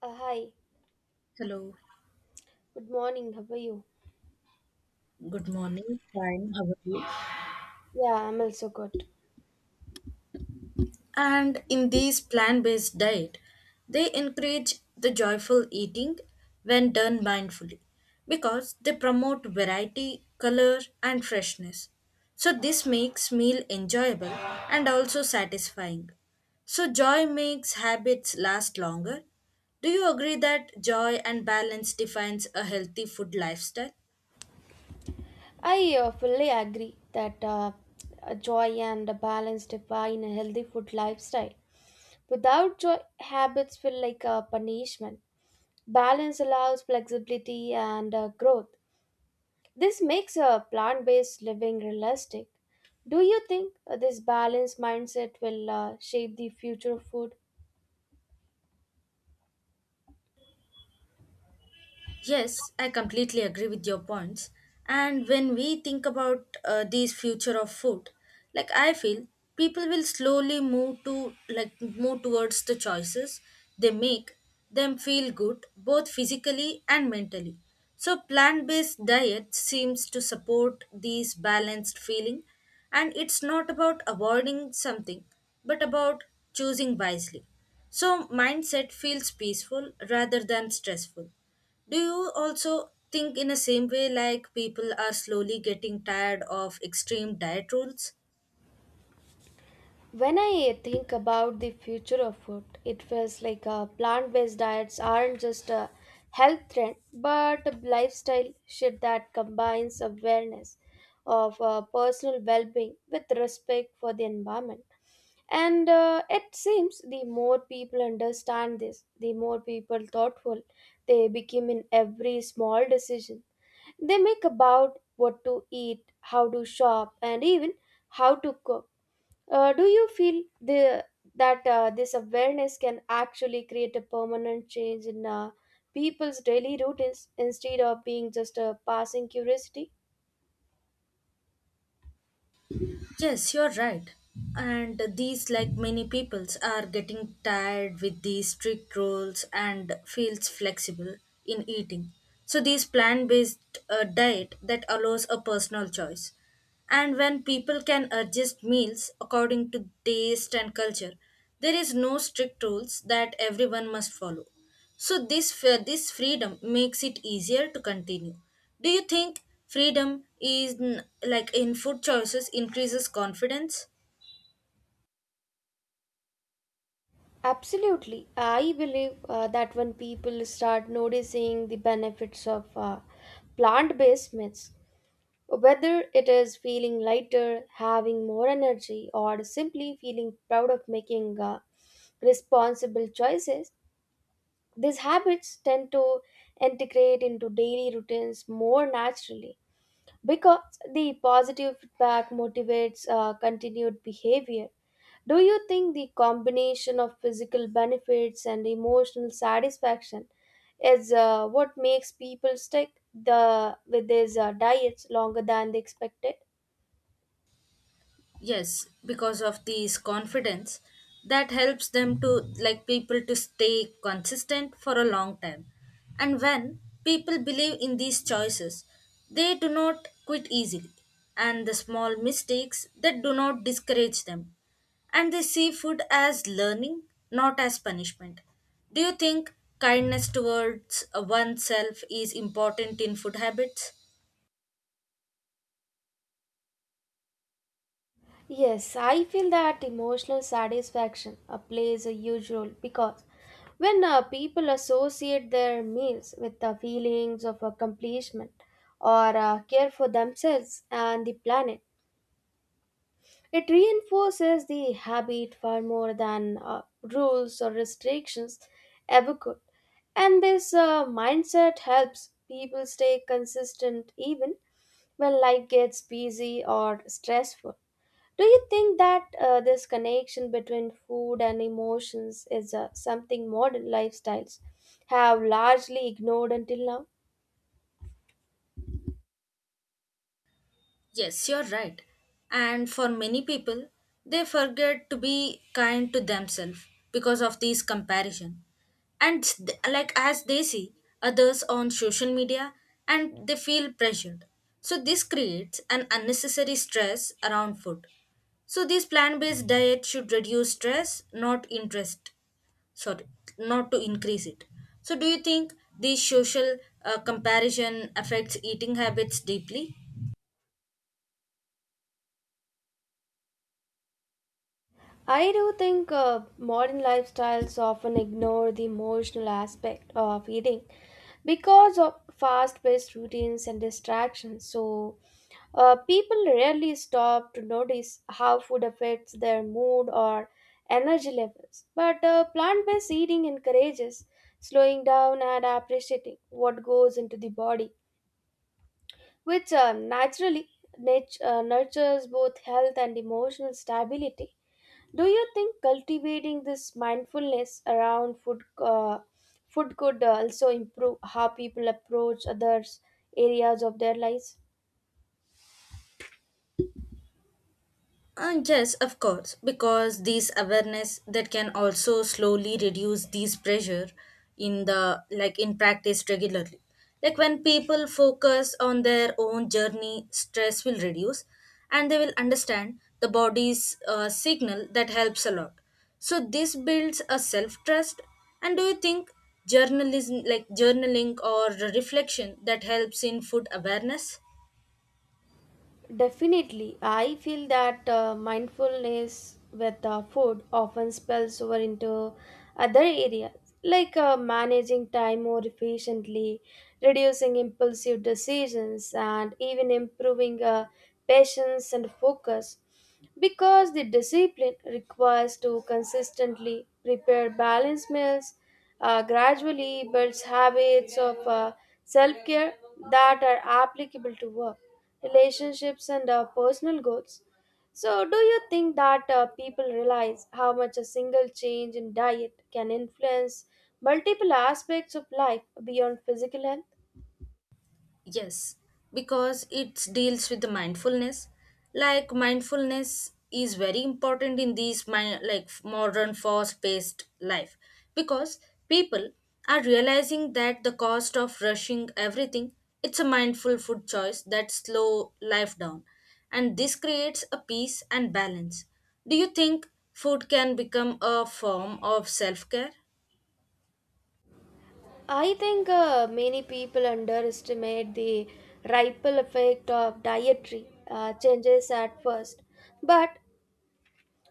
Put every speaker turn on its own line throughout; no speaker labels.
Uh, hi,
Hello,
Good morning. How are you?
good morning. Fine, how are you?
Yeah, I'm also good.
And in this plant based diet, they encourage the joyful eating when done mindfully because they promote variety, color, and freshness. So this makes meal enjoyable and also satisfying. So joy makes habits last longer. Do you agree that joy and balance defines a healthy food lifestyle?
I fully agree that a joy and a balance define a healthy food lifestyle. Without joy, habits feel like a punishment. Balance allows flexibility and growth. This makes a plant based living realistic. Do you think this balanced mindset will shape the future of food?
Yes, I completely agree with your points. And when we think about these future of food, like I feel people will slowly move to like move towards the choices they make them feel good both physically and mentally. So plant-based diet seems to support these balanced feeling, and it's not about avoiding something but about choosing wisely. So mindset feels peaceful rather than stressful. Do you also think in the same way like people are slowly getting tired of extreme diet rules?
When I think about the future of food, it feels like plant based diets aren't just a health trend but a lifestyle shift that combines awareness of personal well being with respect for the environment. And it seems the more people understand this, the more people thoughtful they become in every small decision they make about what to eat, how to shop, and even how to cook. Do you feel the that this awareness can actually create a permanent change in people's daily routines instead of being just a passing curiosity?
Yes, you're right. And these, like many peoples, are getting tired with these strict rules and feels flexible in eating. So these plant-based diet that allows a personal choice. And when people can adjust meals according to taste and culture, there is no strict rules that everyone must follow. So this freedom makes it easier to continue. Do you think like in food choices increases confidence?
Absolutely. I believe that when people start noticing the benefits of plant based meats, whether it is feeling lighter, having more energy, or simply feeling proud of making responsible choices, these habits tend to integrate into daily routines more naturally because the positive feedback motivates continued behavior. Do you think the combination of physical benefits and emotional satisfaction is what makes people stick the with these diets longer than they expected?
Yes, because of these confidence that helps them to like people to stay consistent for a long time. And when people believe in these choices, they do not quit easily. And the small mistakes that do not discourage them. And they see food as learning, not as punishment. Do you think kindness towards oneself is important in food habits?
Yes, I feel that emotional satisfaction plays a huge role because when people associate their meals with the feelings of accomplishment or care for themselves and the planet, it reinforces the habit far more than rules or restrictions ever could. And this mindset helps people stay consistent even when life gets busy or stressful. Do you think that this connection between food and emotions is something modern lifestyles have largely ignored until now?
Yes, you're right. And for many people, they forget to be kind to themselves because of these comparison. And like as they see others on social media and they feel pressured. So this creates an unnecessary stress around food. So this plant-based diet should reduce stress, not interest. Sorry, not to increase it. So do you think these social comparison affects eating habits deeply?
I do think modern lifestyles often ignore the emotional aspect of eating because of fast paced routines and distractions. So, people rarely stop to notice how food affects their mood or energy levels. But plant based eating encourages slowing down and appreciating what goes into the body, which naturally nurtures both health and emotional stability. Do you think cultivating this mindfulness around food could also improve how people approach others areas of their lives?
And yes, of course, because these awareness that can also slowly reduce these pressure in practice regularly. Like when people focus on their own journey, stress will reduce, and they will understand the body's signal that helps a lot. So this builds a self trust. And do you think journalism, like journaling or reflection, that helps in food awareness?
Definitely, I feel that mindfulness with food often spills over into other areas like managing time more efficiently, reducing impulsive decisions, and even improving patience and focus. Because the discipline requires to consistently prepare balanced meals, gradually builds habits of self care that are applicable to work relationships and personal goals. So, do you think that people realize how much a single change in diet can influence multiple aspects of life beyond physical health?
Yes, because it deals with the mindfulness. Like mindfulness is very important in these mi- like modern fast-paced life because people are realizing that the cost of rushing everything, it's a mindful food choice that slow life down, and this creates a peace and balance. Do you think food can become a form of self-care?
I think many people underestimate the ripple effect of dietary changes at first, but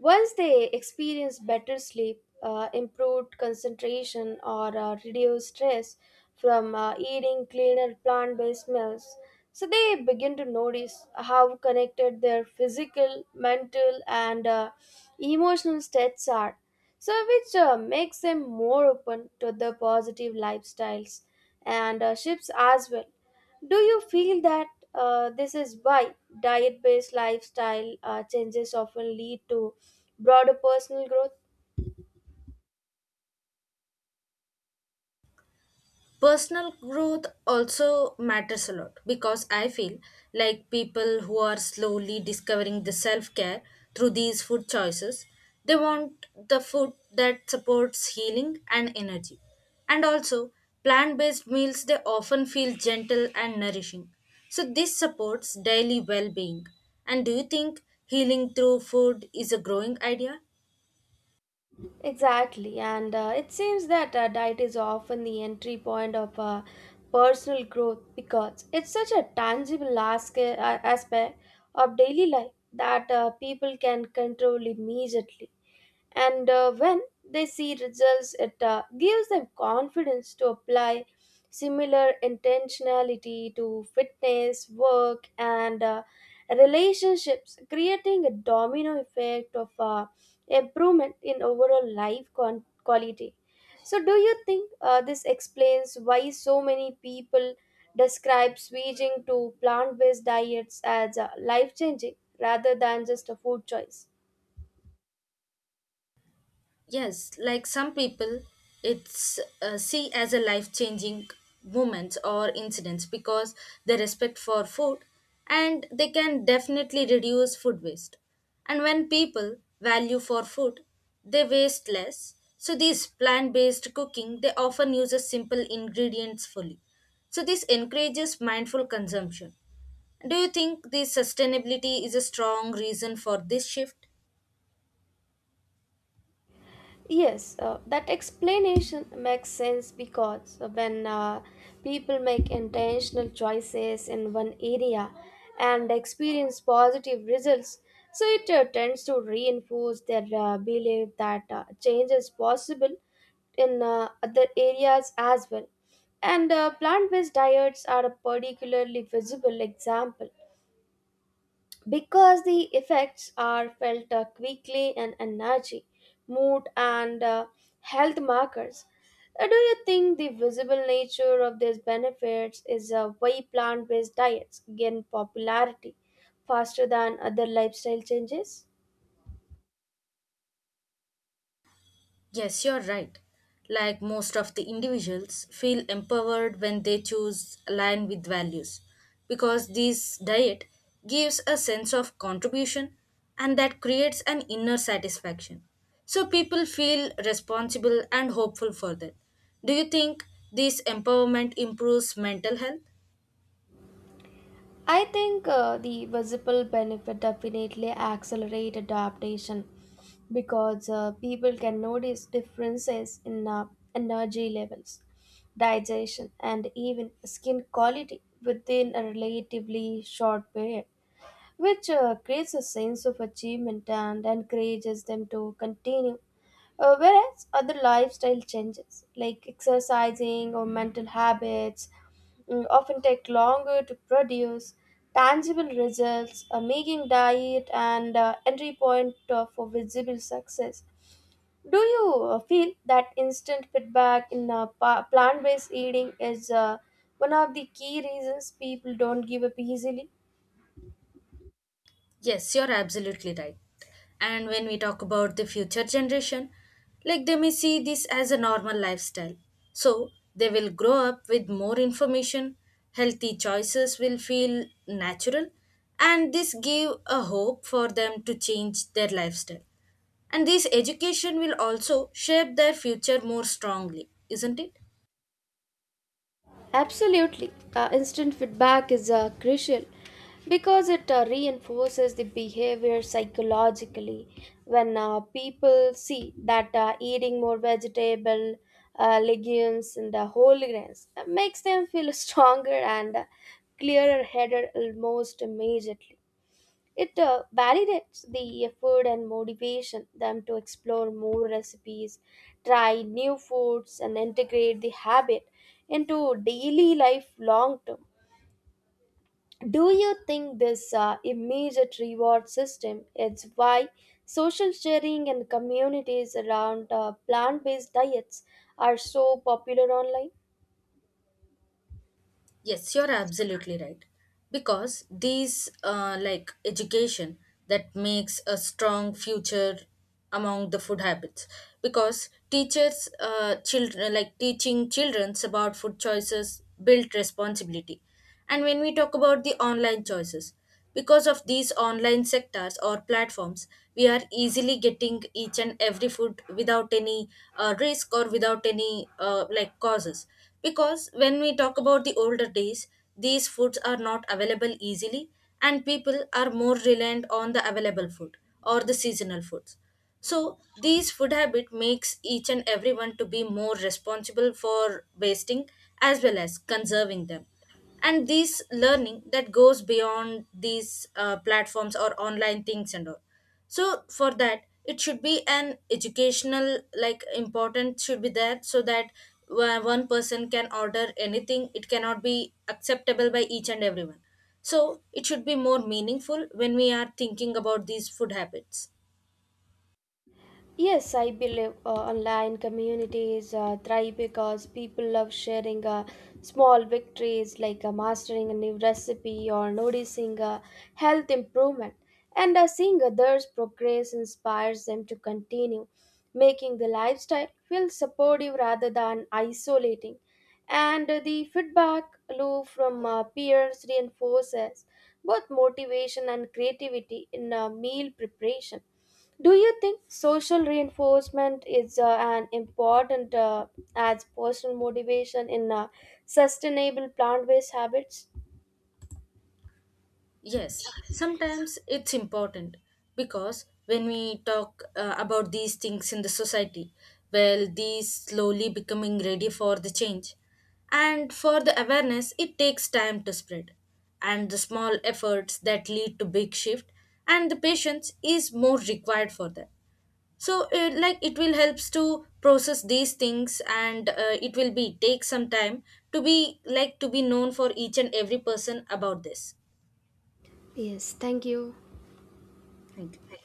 once they experience better sleep, improved concentration, or reduced stress from eating cleaner plant based meals, so they begin to notice how connected their physical, mental, and emotional states are, so which makes them more open to the positive lifestyles and shifts as well. Do you feel that this is why diet based lifestyle changes often lead to broader personal growth?
Personal growth also matters a lot because I feel like people who are slowly discovering the self care through these food choices, they want the food that supports healing and energy. And also, plant based meals they often feel gentle and nourishing. So this supports daily well being. And do you think healing through food is a growing idea?
Exactly, and it seems that diet is often the entry point of personal growth because it's such a tangible aspect of daily life that people can control immediately. And when they see results, it gives them confidence to apply similar intentionality to fitness work and relationships, creating a domino effect of improvement in overall life quality. So do you think this explains why so many people describe switching to plant-based diets as life-changing rather than just a food choice?
Yes, like some people, it's see as a life changing moments or incidents because they respect for food and they can definitely reduce food waste. And when people value for food, they waste less. So these plant based cooking, they often uses simple ingredients fully. So this encourages mindful consumption. Do you think this sustainability is a strong reason for this shift?
Yes, that explanation makes sense because when people make intentional choices in one area and experience positive results, so it tends to reinforce their belief that change is possible in other areas as well. And plant based diets are a particularly visible example because the effects are felt quickly in energy, mood, and health markers. Do you think the visible nature of these benefits is why plant based diets gain popularity faster than other lifestyle changes?
Yes, you're right. Like most of the individuals, feel empowered when they choose align with values because this diet gives a sense of contribution and that creates an inner satisfaction. So people feel responsible and hopeful for that. Do you think this empowerment improves mental health?
I think the visible benefit definitely accelerate adaptation because people can notice differences in energy levels, digestion, and even skin quality within a relatively short period, which creates a sense of achievement and encourages them to continue. Whereas other lifestyle changes, like exercising or mental habits, often take longer to produce tangible results, making diet and entry point for visible success. Do you feel that instant feedback in plant-based eating is one of the key reasons people don't give up easily?
Yes, you're absolutely right. And when we talk about the future generation, like they may see this as a normal lifestyle. So they will grow up with more information, healthy choices will feel natural, and this give a hope for them to change their lifestyle. And this education will also shape their future more strongly, isn't it?
Absolutely. Instant feedback is crucial because it reinforces the behavior psychologically. When people see that eating more vegetable, legumes, and whole grains makes them feel stronger and clearer headed almost immediately. It validates the effort and motivation them to explore more recipes, try new foods, and integrate the habit into daily life long term. Do you think this immediate reward system is why social sharing and communities around plant based diets are so popular online?
Yes, you're absolutely right. Because these, like education, that makes a strong future among the food habits. Because teachers, children, like teaching children about food choices, build responsibility. And when we talk about the online choices, because of these online sectors or platforms, we are easily getting each and every food without any risk or without any like causes. Because when we talk about the older days, these foods are not available easily, and people are more reliant on the available food or the seasonal foods. So these food habit makes each and everyone to be more responsible for wasting as well as conserving them, and this learning that goes beyond these platforms or online things and all. So for that, it should be an educational, like important should be there, so that one person can order anything it cannot be acceptable by each and everyone. So it should be more meaningful when we are thinking about these food habits.
Yes, I believe online communities thrive because people love sharing small victories like mastering a new recipe or noticing a health improvement. And seeing others' progress inspires them to continue, making the lifestyle feel supportive rather than isolating. And the feedback loop from peers reinforces both motivation and creativity in meal preparation. Do you think social reinforcement is an important as personal motivation in sustainable plant-based habits?
Yes, sometimes it's important because when we talk about these things in the society, well, these slowly becoming ready for the change. And for the awareness, it takes time to spread. And the small efforts that lead to big shift, and the patience is more required for that. So, like it will helps to process these things, and it will be take some time to be known for each and every person about this.
Yes, thank you.
Thank you.